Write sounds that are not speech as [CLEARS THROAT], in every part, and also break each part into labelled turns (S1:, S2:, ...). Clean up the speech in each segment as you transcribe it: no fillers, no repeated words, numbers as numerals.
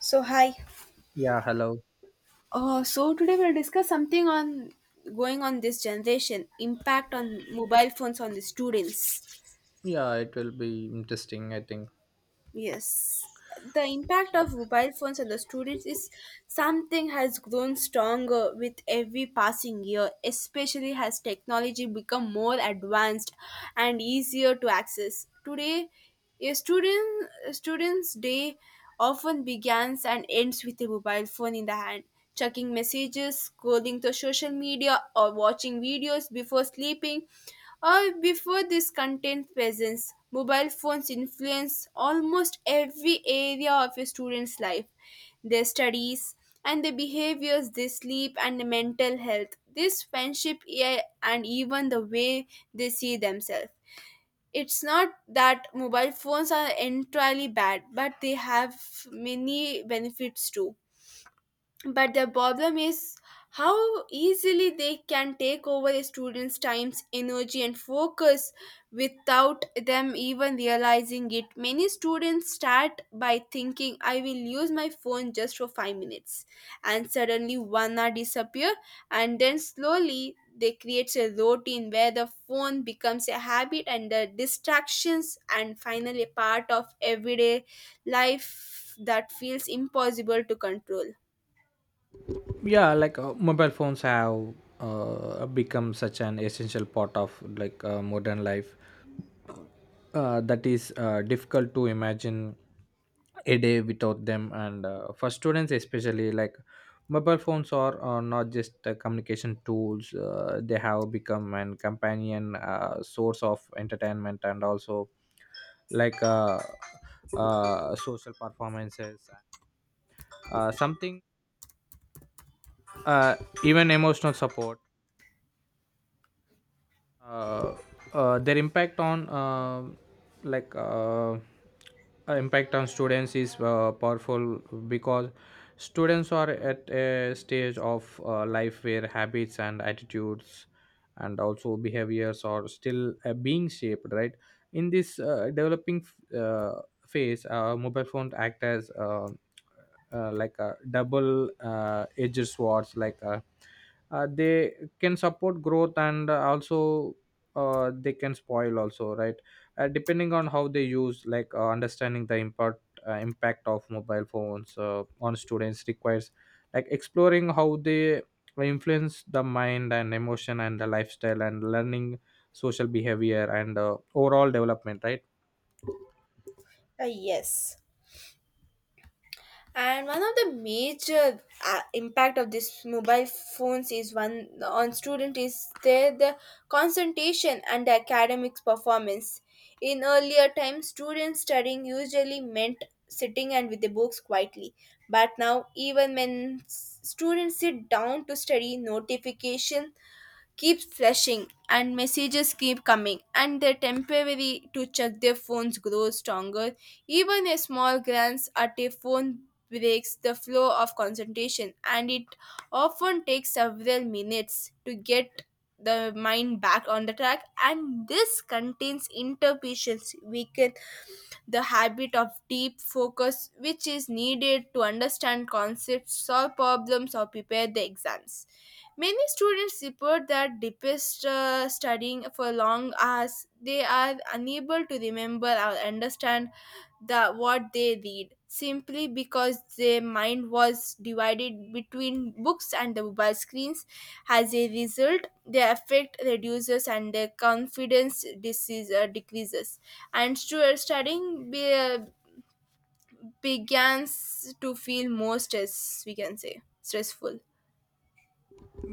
S1: So hi.
S2: Yeah, hello.
S1: So today we'll discuss something on going on this generation impact on mobile phones on the students.
S2: Yeah, it will be interesting, I think.
S1: Yes, the impact of mobile phones on the students is something has grown stronger with every passing year, especially as technology become more advanced and easier to access. Today, a student's day often begins and ends with a mobile phone in the hand. Checking messages, scrolling to social media, or watching videos before sleeping or before this content presence. Mobile phones influence almost every area of a student's life, their studies and their behaviors, their sleep and their mental health, this friendship, yeah, and even the way they see themselves. It's not that mobile phones are entirely bad, but they have many benefits too. But the problem is how easily they can take over a student's times, energy and focus without them even realizing it. Many students start by thinking, I will use my phone just for 5 minutes, and suddenly one hour disappear. And then slowly they creates a routine where the phone becomes a habit and the distractions and finally a part of everyday life that feels impossible to control.
S2: Yeah, like, mobile phones have become such an essential part of, like, modern life, that is difficult to imagine a day without them. And for students, especially like mobile phones are not just communication tools. They have become an companion, source of entertainment, and also, like, social performances, something, uh, even emotional support. uh, their impact on, like uh, impact on students is powerful because students are at a stage of life where habits and attitudes and also behaviors are still being shaped, right. In this developing phase, mobile phone act as, like, a double edged swords. Like, they can support growth and also, they can spoil also, right? Depending on how they use, like understanding the impact of mobile phones on students requires like exploring how they influence the mind and emotion and the lifestyle and learning social behavior and overall development, right.
S1: Yes. And one of the major impact of this mobile phones is one on student is their the concentration and academics performance. In earlier times, students studying usually meant sitting and with the books quietly. But now, even when students sit down to study, notification keeps flashing and messages keep coming and their temporary to check their phones grows stronger. Even a small glance at a phone breaks the flow of concentration, and it often takes several minutes to get the mind back on the track. And this contains interpretations weaken the habit of deep focus, which is needed to understand concepts, solve problems or prepare the exams. Many students report that deepest studying for long hours, they are unable to remember or understand the what they read simply because their mind was divided between books and the mobile screens. As a result, their effect reduces and their confidence disease, decreases. And studying begins to feel more stress, we can say, stressful.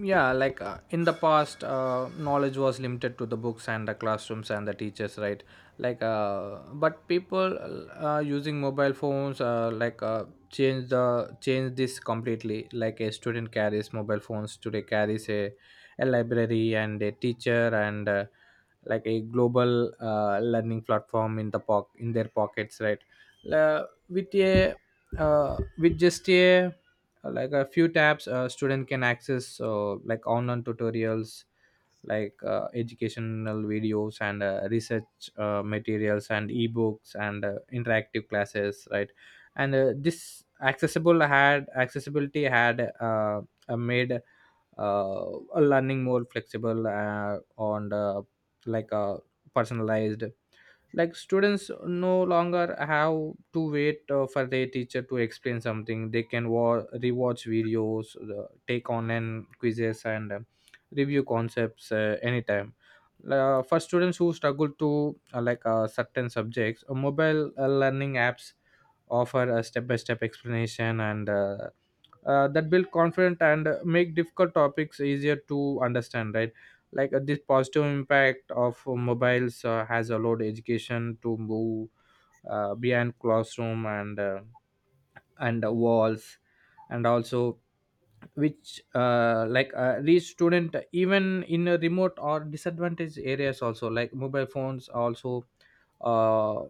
S2: Yeah, like, in the past, knowledge was limited to the books and the classrooms and the teachers, right. Like, but people using mobile phones, change the change this completely. Like a student carries mobile phones today, carries a library and a teacher and like a global learning platform in the in their pockets, right. La- with a with just a like, a few tabs a student can access, like online tutorials, like educational videos and research materials and ebooks and interactive classes, right. And this accessible had accessibility had made uh, learning more flexible, on the, like, personalized. Like students no longer have to wait for their teacher to explain something. They can rewatch videos, take online quizzes, and review concepts anytime. For students who struggle to, certain subjects, mobile learning apps offer a step-by-step explanation, and that build confidence and make difficult topics easier to understand, right. Like, this positive impact of mobiles has allowed education to move beyond classroom and walls and also, which reach student even in a remote or disadvantaged areas. Also, like, mobile phones also uh,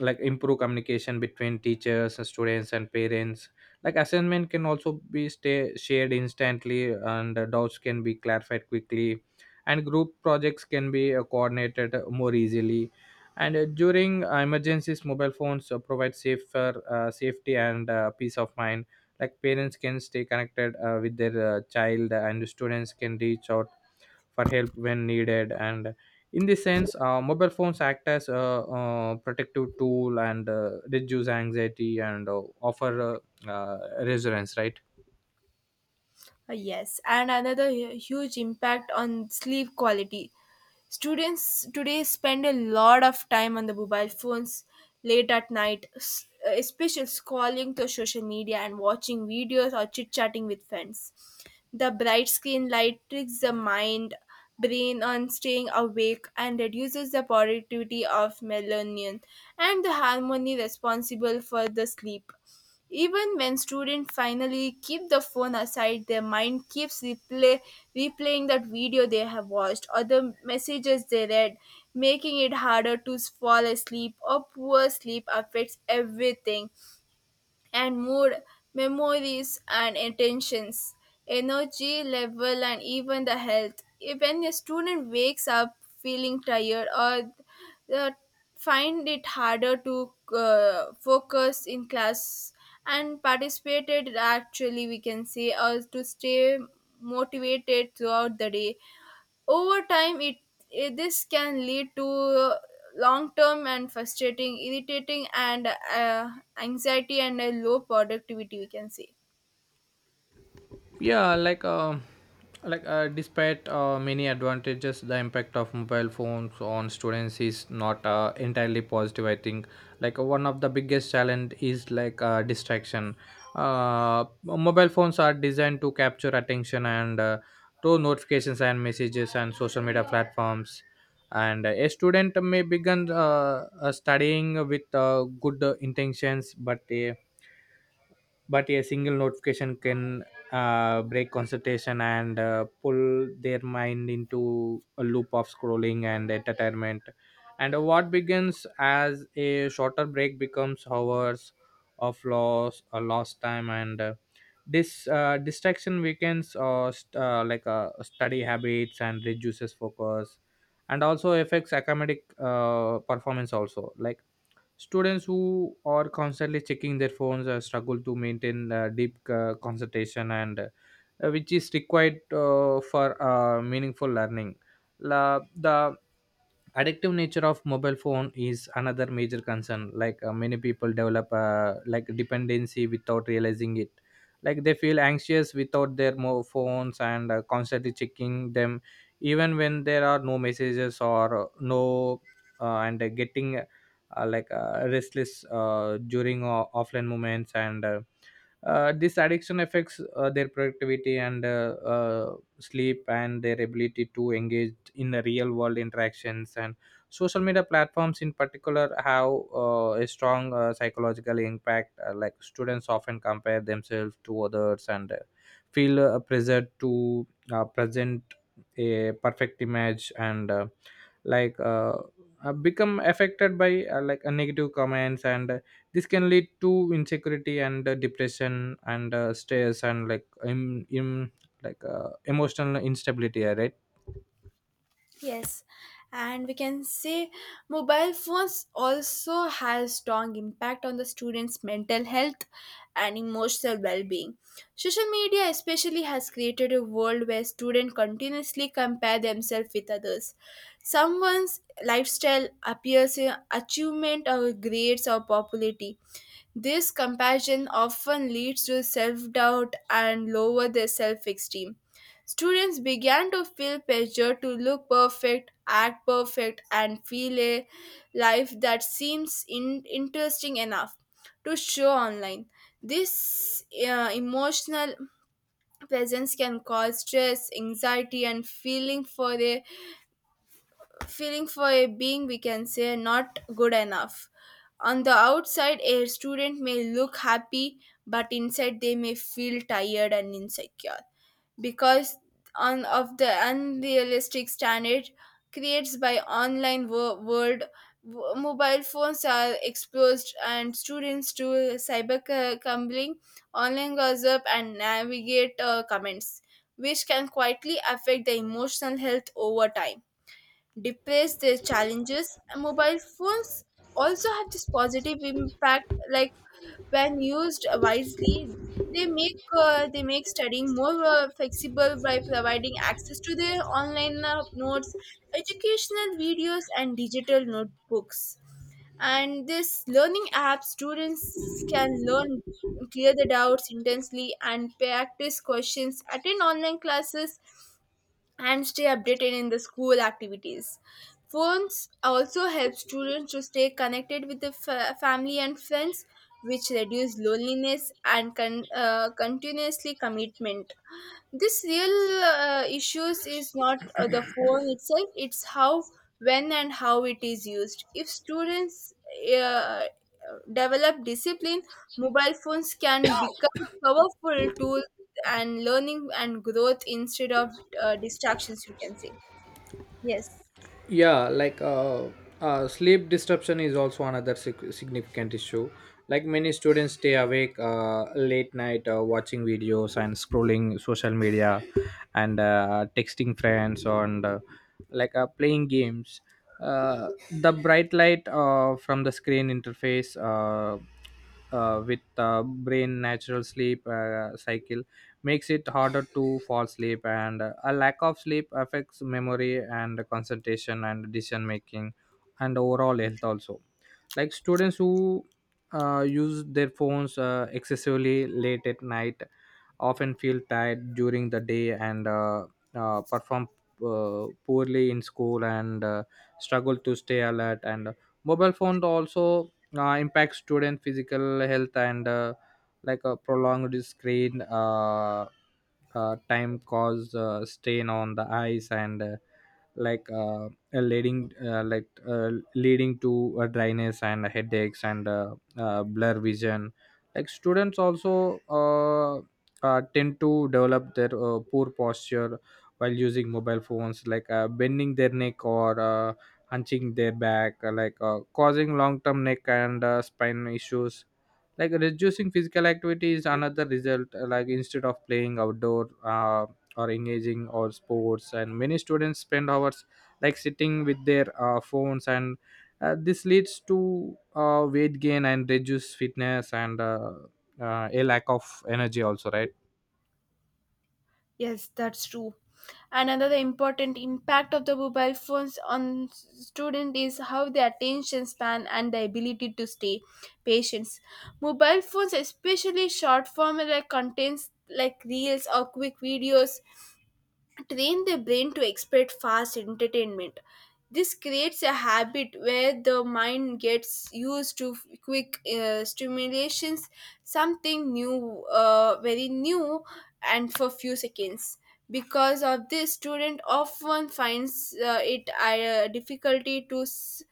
S2: like improve communication between teachers and students and parents. Like assignment can also be stay shared instantly, and doubts can be clarified quickly, and group projects can be coordinated more easily. And during emergencies, mobile phones provide safer safety and peace of mind. Like parents can stay connected with their child, and students can reach out for help when needed. And in this sense, mobile phones act as a protective tool and reduce anxiety and offer reassurance, right.
S1: Yes, and another huge impact on sleep quality. Students today spend a lot of time on the mobile phones late at night, especially scrolling through social media and watching videos or chit chatting with friends. The bright screen light tricks the mind, brain on staying awake and reduces the productivity of melatonin and the hormone responsible for the sleep. Even when students finally keep the phone aside, their mind keeps replaying that video they have watched or the messages they read, making it harder to fall asleep. Or poor sleep affects everything, and mood, memories and intentions, energy level, and even the health. When a student wakes up feeling tired or uh, find it harder to focus in class and participated actually, we can say, or to stay motivated throughout the day. Over time, this can lead to long-term and frustrating, irritating, and anxiety and a low productivity, we can say.
S2: Yeah, like despite many advantages, the impact of mobile phones on students is not entirely positive, I think. Like, one of the biggest challenge is, like, distraction. Mobile phones are designed to capture attention, and through notifications and messages and social media platforms, and a student may begin studying with good intentions, but a single notification can break concentration and pull their mind into a loop of scrolling and entertainment. And what begins as a shorter break becomes hours of loss or lost time. And this distraction weakens, study habits, and reduces focus, and also affects academic performance also. Like, students who are constantly checking their phones struggle to maintain deep concentration, and which is required for meaningful learning. The addictive nature of mobile phone is another major concern. Like, many people develop, like, dependency without realizing it. Like they feel anxious without their phones and constantly checking them even when there are no messages or no, and getting, restless during offline moments, and this addiction affects their productivity and sleep and their ability to engage in the real world interactions. And social media platforms in particular have a strong psychological impact. Like students often compare themselves to others and feel pressured to present a perfect image, and like uh, become affected by, negative comments, and this can lead to insecurity and depression and stress and, like, like emotional instability, right.
S1: Yes, and we can say mobile phones also has strong impact on the students' mental health and emotional well-being. Social media especially has created a world where students continuously compare themselves with others. Someone's lifestyle appears in achievement or grades or popularity, this comparison often leads to self doubt and lower their self esteem. Students began to feel pressure to look perfect, act perfect, and feel a life that seems interesting enough to show online. This emotional presence can cause stress, anxiety, and feeling for a being, we can say, not good enough. On the outside a student may look happy, but inside they may feel tired and insecure because on of the unrealistic standard creates by online world. Mobile phones are exposed and students to cyber cumbling, online gossip and navigate comments, which can quietly affect the emotional health over time, depress their challenges. And mobile phones also have this positive impact, like when used wisely, they make studying more flexible by providing access to their online notes, educational videos, and digital notebooks. And this learning app, students can learn, clear the doubts intensely and practice questions, attend online classes and stay updated in the school activities. Phones also help students to stay connected with the family and friends, which reduce loneliness and continuously commitment. This real issues is not the phone itself. It's how, when and how it is used. If students uh, develop discipline, mobile phones can become powerful tool and learning and growth instead of distractions, we can say. Yes.
S2: Yeah, like, sleep disruption is also another significant issue. Like many students stay awake late night, watching videos and scrolling social media and texting friends and, playing games. The bright light from the screen interface with brain natural sleep cycle makes it harder to fall asleep. And a lack of sleep affects memory and concentration and decision making and overall health also. Like students who use their phones excessively late at night often feel tired during the day and perform poorly in school and struggle to stay alert, and mobile phone also impacts student physical health. And, like, a prolonged screen time cause stain on the eyes, and leading to dryness and headaches and blur vision. Like students also tend to develop their poor posture while using mobile phones, like bending their neck or hunching their back, causing long-term neck and spine issues. Like reducing physical activity is another result. Like instead of playing outdoor or engaging or sports, and many students spend hours like sitting with their phones, and this leads to weight gain and reduced fitness and a lack of energy also, right?
S1: Yes, that's true. Another important impact of the mobile phones on student is how their attention span and the ability to stay patient. Mobile phones, especially short form like contents like reels or quick videos, train the brain to expect fast entertainment. This creates a habit where the mind gets used to quick stimulations, something new, very new, and for few seconds. Because of this, student often finds it difficulty to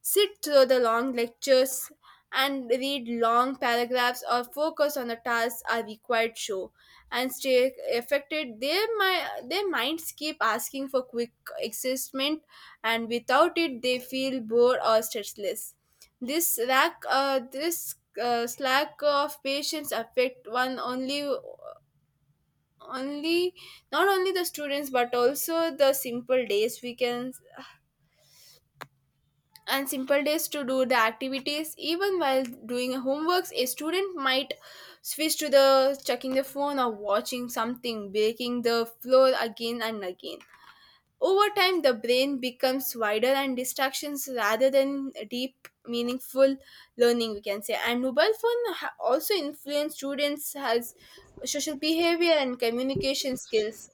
S1: sit through the long lectures and read long paragraphs or focus on the tasks are required show and stay, affected their my, their minds keep asking for quick excitement, and without it they feel bored or stressless. This lack, this slack of patience affect one only, only not only the students but also the simple days, we can, and simple days to do the activities. Even while doing homeworks a student might switch to the checking the phone or watching something, breaking the floor again and again. Over time the brain becomes wider and distractions rather than deep meaningful learning, we can say. And mobile phone also influence students has social behavior and communication skills.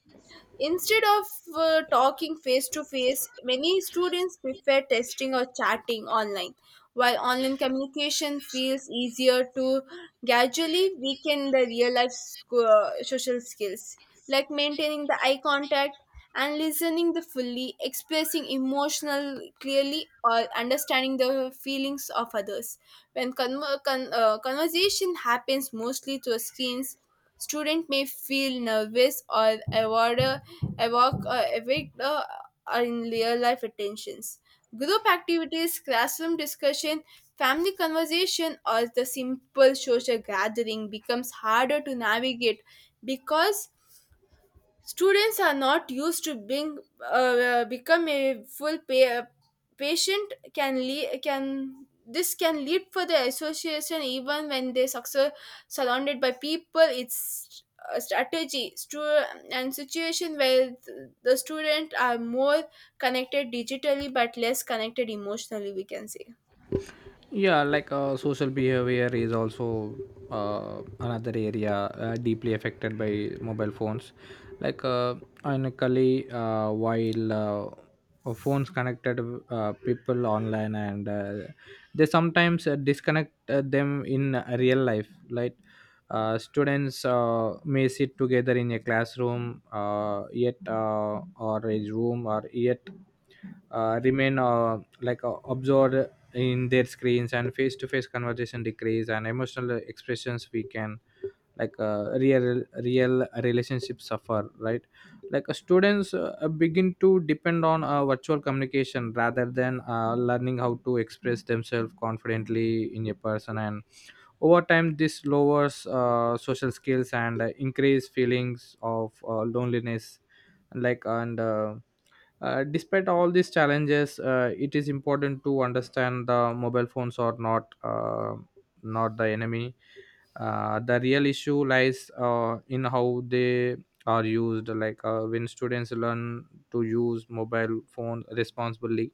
S1: Instead of talking face to face, many students prefer texting or chatting online. While online communication feels easier to gradually weaken the real life social skills, like maintaining the eye contact and listening the fully, expressing emotional clearly, or understanding the feelings of others. When conversation happens mostly through screens, student may feel nervous or avoid evoke evict are in real life attentions. Group activities, classroom discussion, family conversation, or the simple social gathering becomes harder to navigate because students are not used to being become a full patient can lead, can this can lead for the association even when they success, surrounded by people. It's a strategy and situation where the student are more connected digitally but less connected emotionally, we can say.
S2: Yeah, like, social behavior is also another area deeply affected by mobile phones. Like, ironically, while phones connected people online, and they sometimes disconnect them in real life. Like, students may sit together in a classroom, yet or a room, or yet remain, absorbed in their screens. And face-to-face conversation decrease, and emotional expressions we can, like, real relationships suffer, right. Like, students begin to depend on virtual communication rather than learning how to express themselves confidently in a person, and over time this lowers social skills and increase feelings of loneliness. Like, and despite all these challenges, it is important to understand the mobile phones are not the enemy. The real issue lies in how they are used. Like, when students learn to use mobile phones responsibly,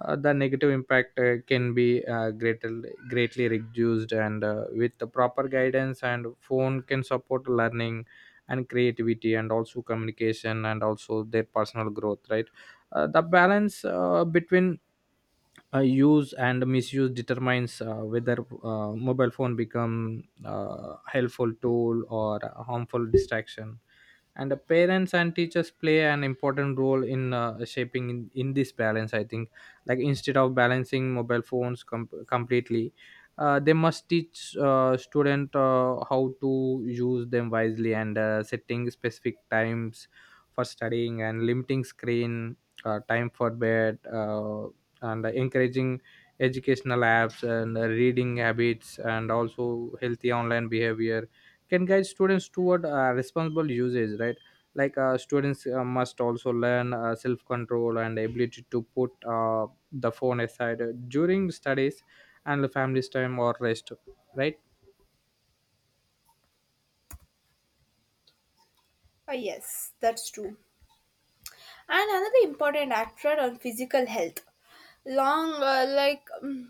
S2: the negative impact can be greatly reduced, and with the proper guidance, and phone can support learning and creativity and also communication and also their personal growth, right. The balance between use and misuse determines whether mobile phone become helpful tool or a harmful distraction, and the parents and teachers play an important role in shaping, in this balance, I think. Like, instead of balancing mobile phones completely, they must teach student how to use them wisely, and setting specific times for studying and limiting screen time for bed, and encouraging educational apps and reading habits and also healthy online behavior can guide students toward responsible usage, right. Like, students must also learn self-control and ability to put the phone aside during studies and the family's time or rest, right.
S1: Ah, yes, that's true. And another important actor on physical health. Long,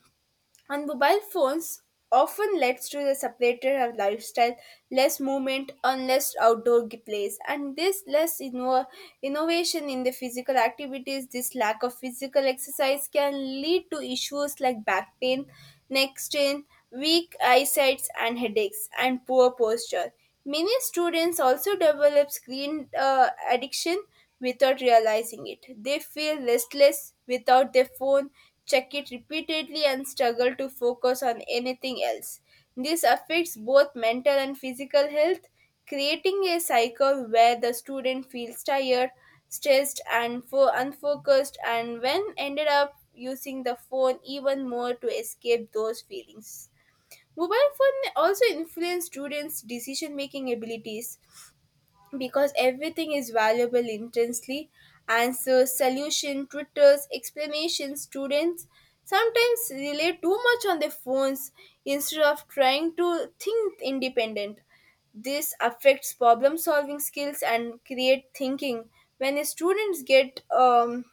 S1: and mobile phones often leads to the separated lifestyle, less movement, and less outdoor plays, and this less innovation in the physical activities. This lack of physical exercise can lead to issues like back pain, neck strain, weak eyesight, and headaches, and poor posture. Many students also develop screen addiction without realizing it. They feel restless without their phone, check it repeatedly, and struggle to focus on anything else. This affects both mental and physical health, creating a cycle where the student feels tired, stressed, and unfocused, and when ended up using the phone even more to escape those feelings. Mobile phone also influence students' decision making abilities because everything is valuable intensely, answers, solution, tutors, explanations. Students sometimes rely too much on their phones instead of trying to think independent. This affects problem solving skills and create thinking. When students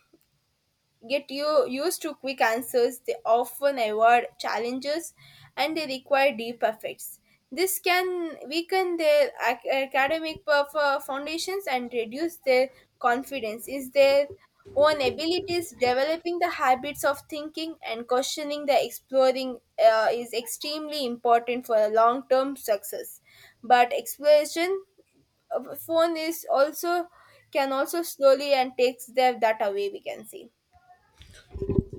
S1: get you used to quick answers, they often avoid challenges and they require deep efforts. This can weaken their academic foundations and reduce their confidence in their own abilities. Developing the habits of thinking and questioning the exploring is extremely important for a long-term success. But exploration of phone is also, can also slowly and takes their that away, we can see.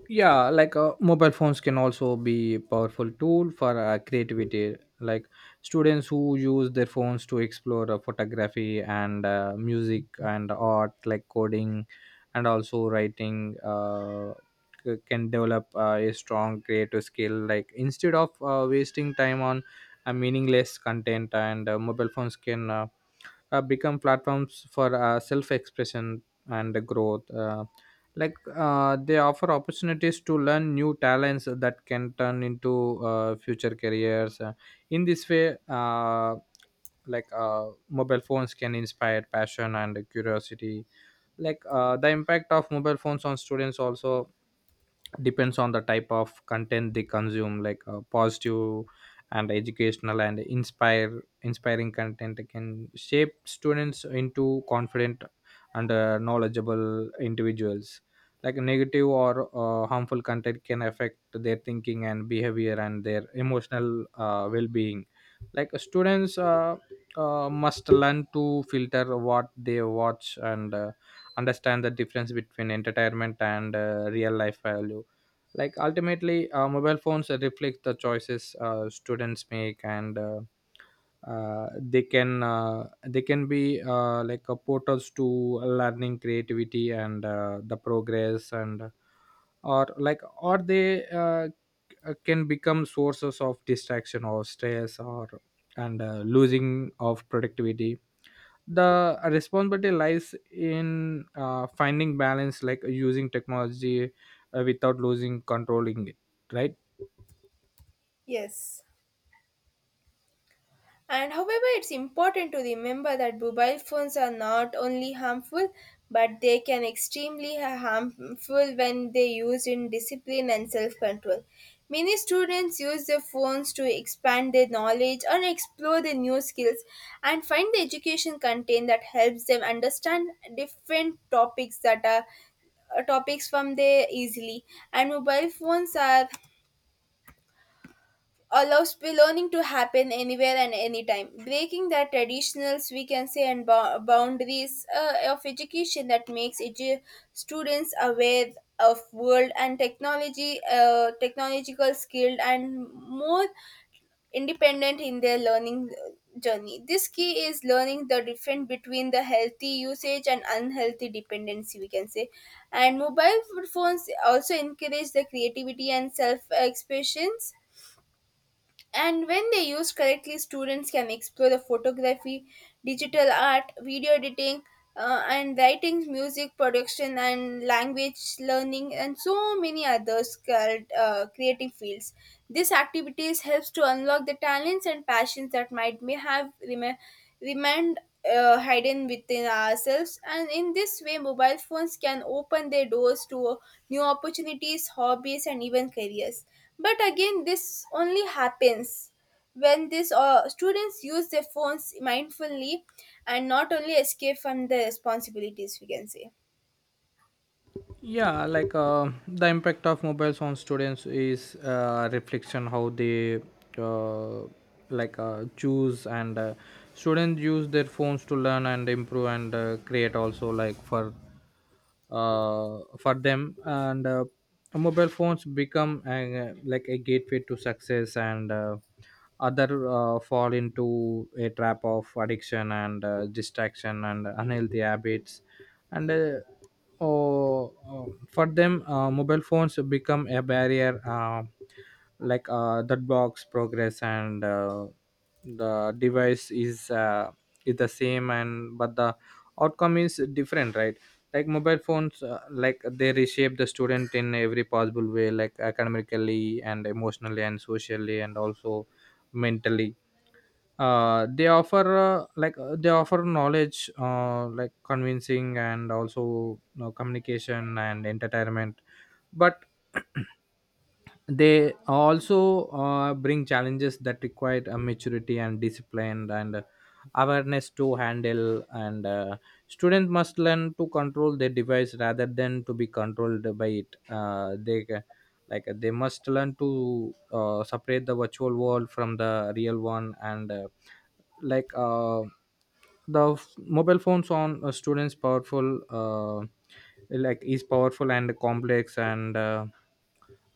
S2: Yeah, like, mobile phones can also be a powerful tool for creativity. Like students who use their phones to explore photography and music and art, like coding and also writing, can develop a strong creative skill. Like instead of wasting time on meaningless content, and mobile phones can become platforms for self-expression and growth, like they offer opportunities to learn new talents that can turn into future careers. In this way, mobile phones can inspire passion and curiosity. Like, the impact of mobile phones on students also depends on the type of content they consume. Like, positive and educational and inspire inspiring content can shape students into confident and knowledgeable individuals. Like negative or harmful content can affect their thinking and behavior and their emotional well-being. Like students must learn to filter what they watch and understand the difference between entertainment and real life value. Like ultimately mobile phones reflect the choices students make and they can be like a portals to learning creativity and the progress and or like or they can become sources of distraction or stress or and losing of productivity. The responsibility lies in finding balance, like using technology without losing controlling it, right?
S1: Yes. And however, it's important to remember that mobile phones are not only harmful, but they can extremely harmful when they used in discipline and self-control. Many students use their phones to expand their knowledge or explore their new skills and find the education content that helps them understand different topics that are topics from there easily. And mobile phones are allows belonging to happen anywhere and anytime, breaking the traditionals, we can say, and boundaries of education that makes students aware of world and technology, technological skilled and more independent in their learning journey. This key is learning the difference between the healthy usage and unhealthy dependency, we can say. And mobile phones also encourage the creativity and self expressions, and when they used correctly, students can explore the photography, digital art, video editing, and writing, music production, and language learning, and so many other creative fields. These activities helps to unlock the talents and passions that might may have remained hidden within ourselves. And in this way mobile phones can open their doors to new opportunities, hobbies, and even careers, but again this only happens when this students use their phones mindfully and not only escape from the responsibilities, we can say.
S2: Yeah, like the impact of mobiles on students is reflection how they uh, choose and students use their phones to learn and improve and create also, like for them and mobile phones become a, like a gateway to success, and other fall into a trap of addiction and distraction and unhealthy habits and oh, for them mobile phones become a barrier like that blocks progress and the device is the same, and but the outcome is different, right? Like mobile phones like they reshape the student in every possible way, like academically and emotionally and socially and also mentally. They offer knowledge, like convincing, and also, you know, communication and entertainment, but [CLEARS THROAT] they also bring challenges that require a maturity and discipline and awareness to handle, and student must learn to control their device rather than to be controlled by it. They ca- like They must learn to separate the virtual world from the real one, and like uh, mobile phones on students powerful like is powerful and complex and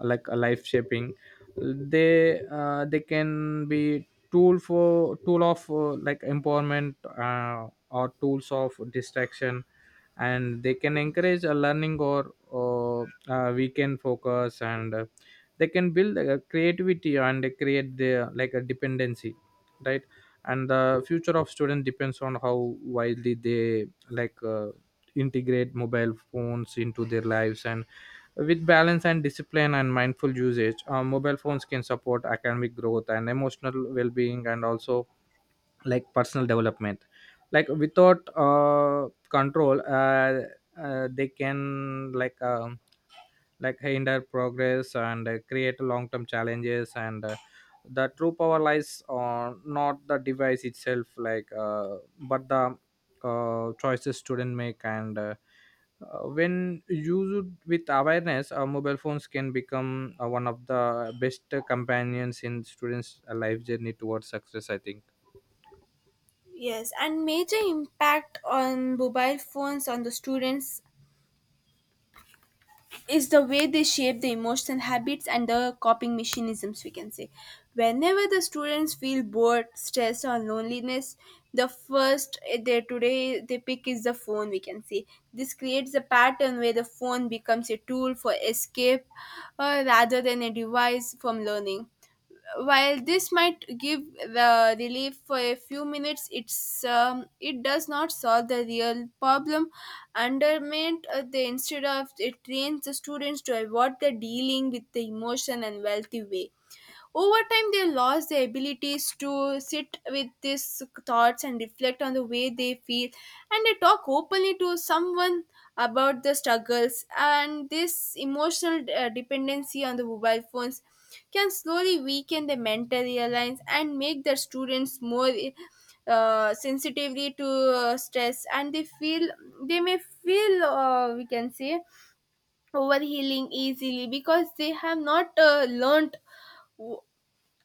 S2: like a life shaping. They can be tool of like empowerment or tools of distraction, and they can encourage a learning or weekend focus and they can build a creativity and they create the like a dependency, right? And the future of students depends on how widely they integrate mobile phones into their lives, and with balance and discipline and mindful usage, mobile phones can support academic growth and emotional well-being, and also like personal development. Like without control, they can like. Like hinder progress and create long term challenges, and the true power lies on not the device itself, but the choices student make, and when used with awareness, mobile phones can become one of the best companions in students life journey towards success, I think.
S1: Yes, and major impact on mobile phones on the students is the way they shape the emotional habits and the coping mechanisms, we can say. Whenever the students feel bored, stressed, or loneliness, the first they today they pick is the phone, we can say. This creates a pattern where the phone becomes a tool for escape, rather than a device from learning. While this might give relief for a few minutes, it's it does not solve the real problem. Undermine the, instead of it, trains the students to avoid the dealing with the emotion and wealthy way. Over time, they lost their abilities to sit with these thoughts and reflect on the way they feel, and they talk openly to someone about the struggles. And this emotional dependency on the mobile phones can slowly weaken the mental reliance and make the students more sensitively to stress, and they may feel we can say, overhealing easily because they have not learned w-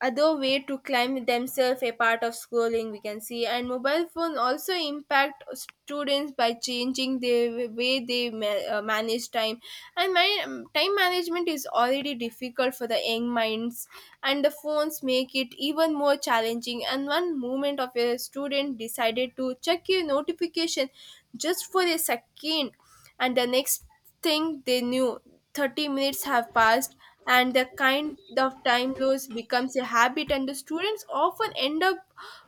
S1: other way to climb themselves a part of schooling, we can see. And mobile phone also impact students by changing the way they manage time. Time management is already difficult for the young minds, and the phones make it even more challenging. And one moment of a student decided to check your notification just for a second, and the next thing they knew, 30 minutes have passed. And the kind of time loss becomes a habit, and the students often end up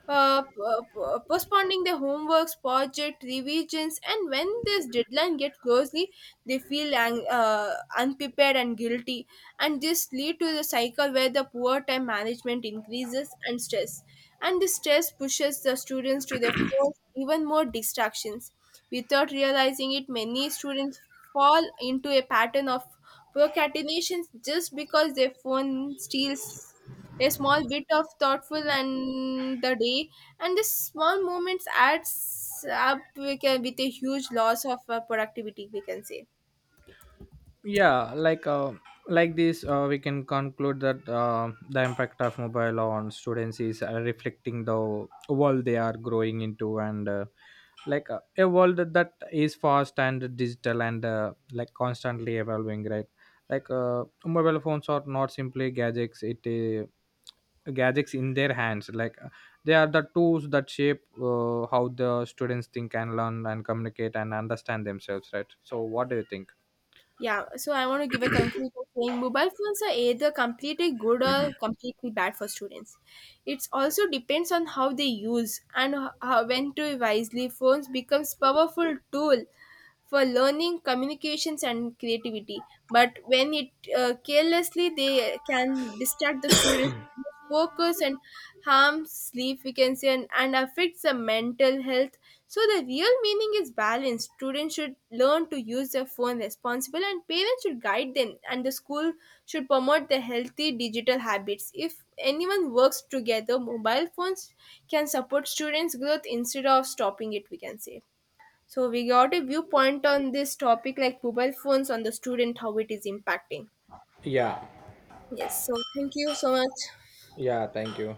S1: postponing their homeworks, project revisions, and when this deadline gets closely, they feel unprepared and guilty. And this lead to the cycle where the poor time management increases and stress, and this stress pushes the students to their fourth even more distractions. Without realizing it, many students fall into a pattern of procrastination just because their phone steals a small bit of thoughtful and the day, and this small moments adds up, we can- with a huge loss of productivity, we can say.
S2: Yeah, like this we can conclude that the impact of mobile on students is reflecting the world they are growing into, and a world that is fast and digital and like constantly evolving, right? Like mobile phones are not simply gadgets in their hands. Like they are the tools that shape how the students think and learn and communicate and understand themselves, right? So what do you think?
S1: Yeah, so I want to give a conclusion saying mobile phones are either completely good or completely bad for students. It also depends on how they use and how, when to wisely. Phones becomes powerful tool for learning, communications, and creativity, but when it carelessly, they can distract the students, reduce focus, and harm sleep, we can say, and affects the mental health. So the real meaning is balance. Students should learn to use their phone responsible, and parents should guide them, and the school should promote the healthy digital habits. If anyone works together, mobile phones can support students growth instead of stopping it, we can say. So we got a viewpoint on this topic like mobile phones on the student, how it is impacting.
S2: Yeah.
S1: Yes. So thank you so much.
S2: Yeah, thank you.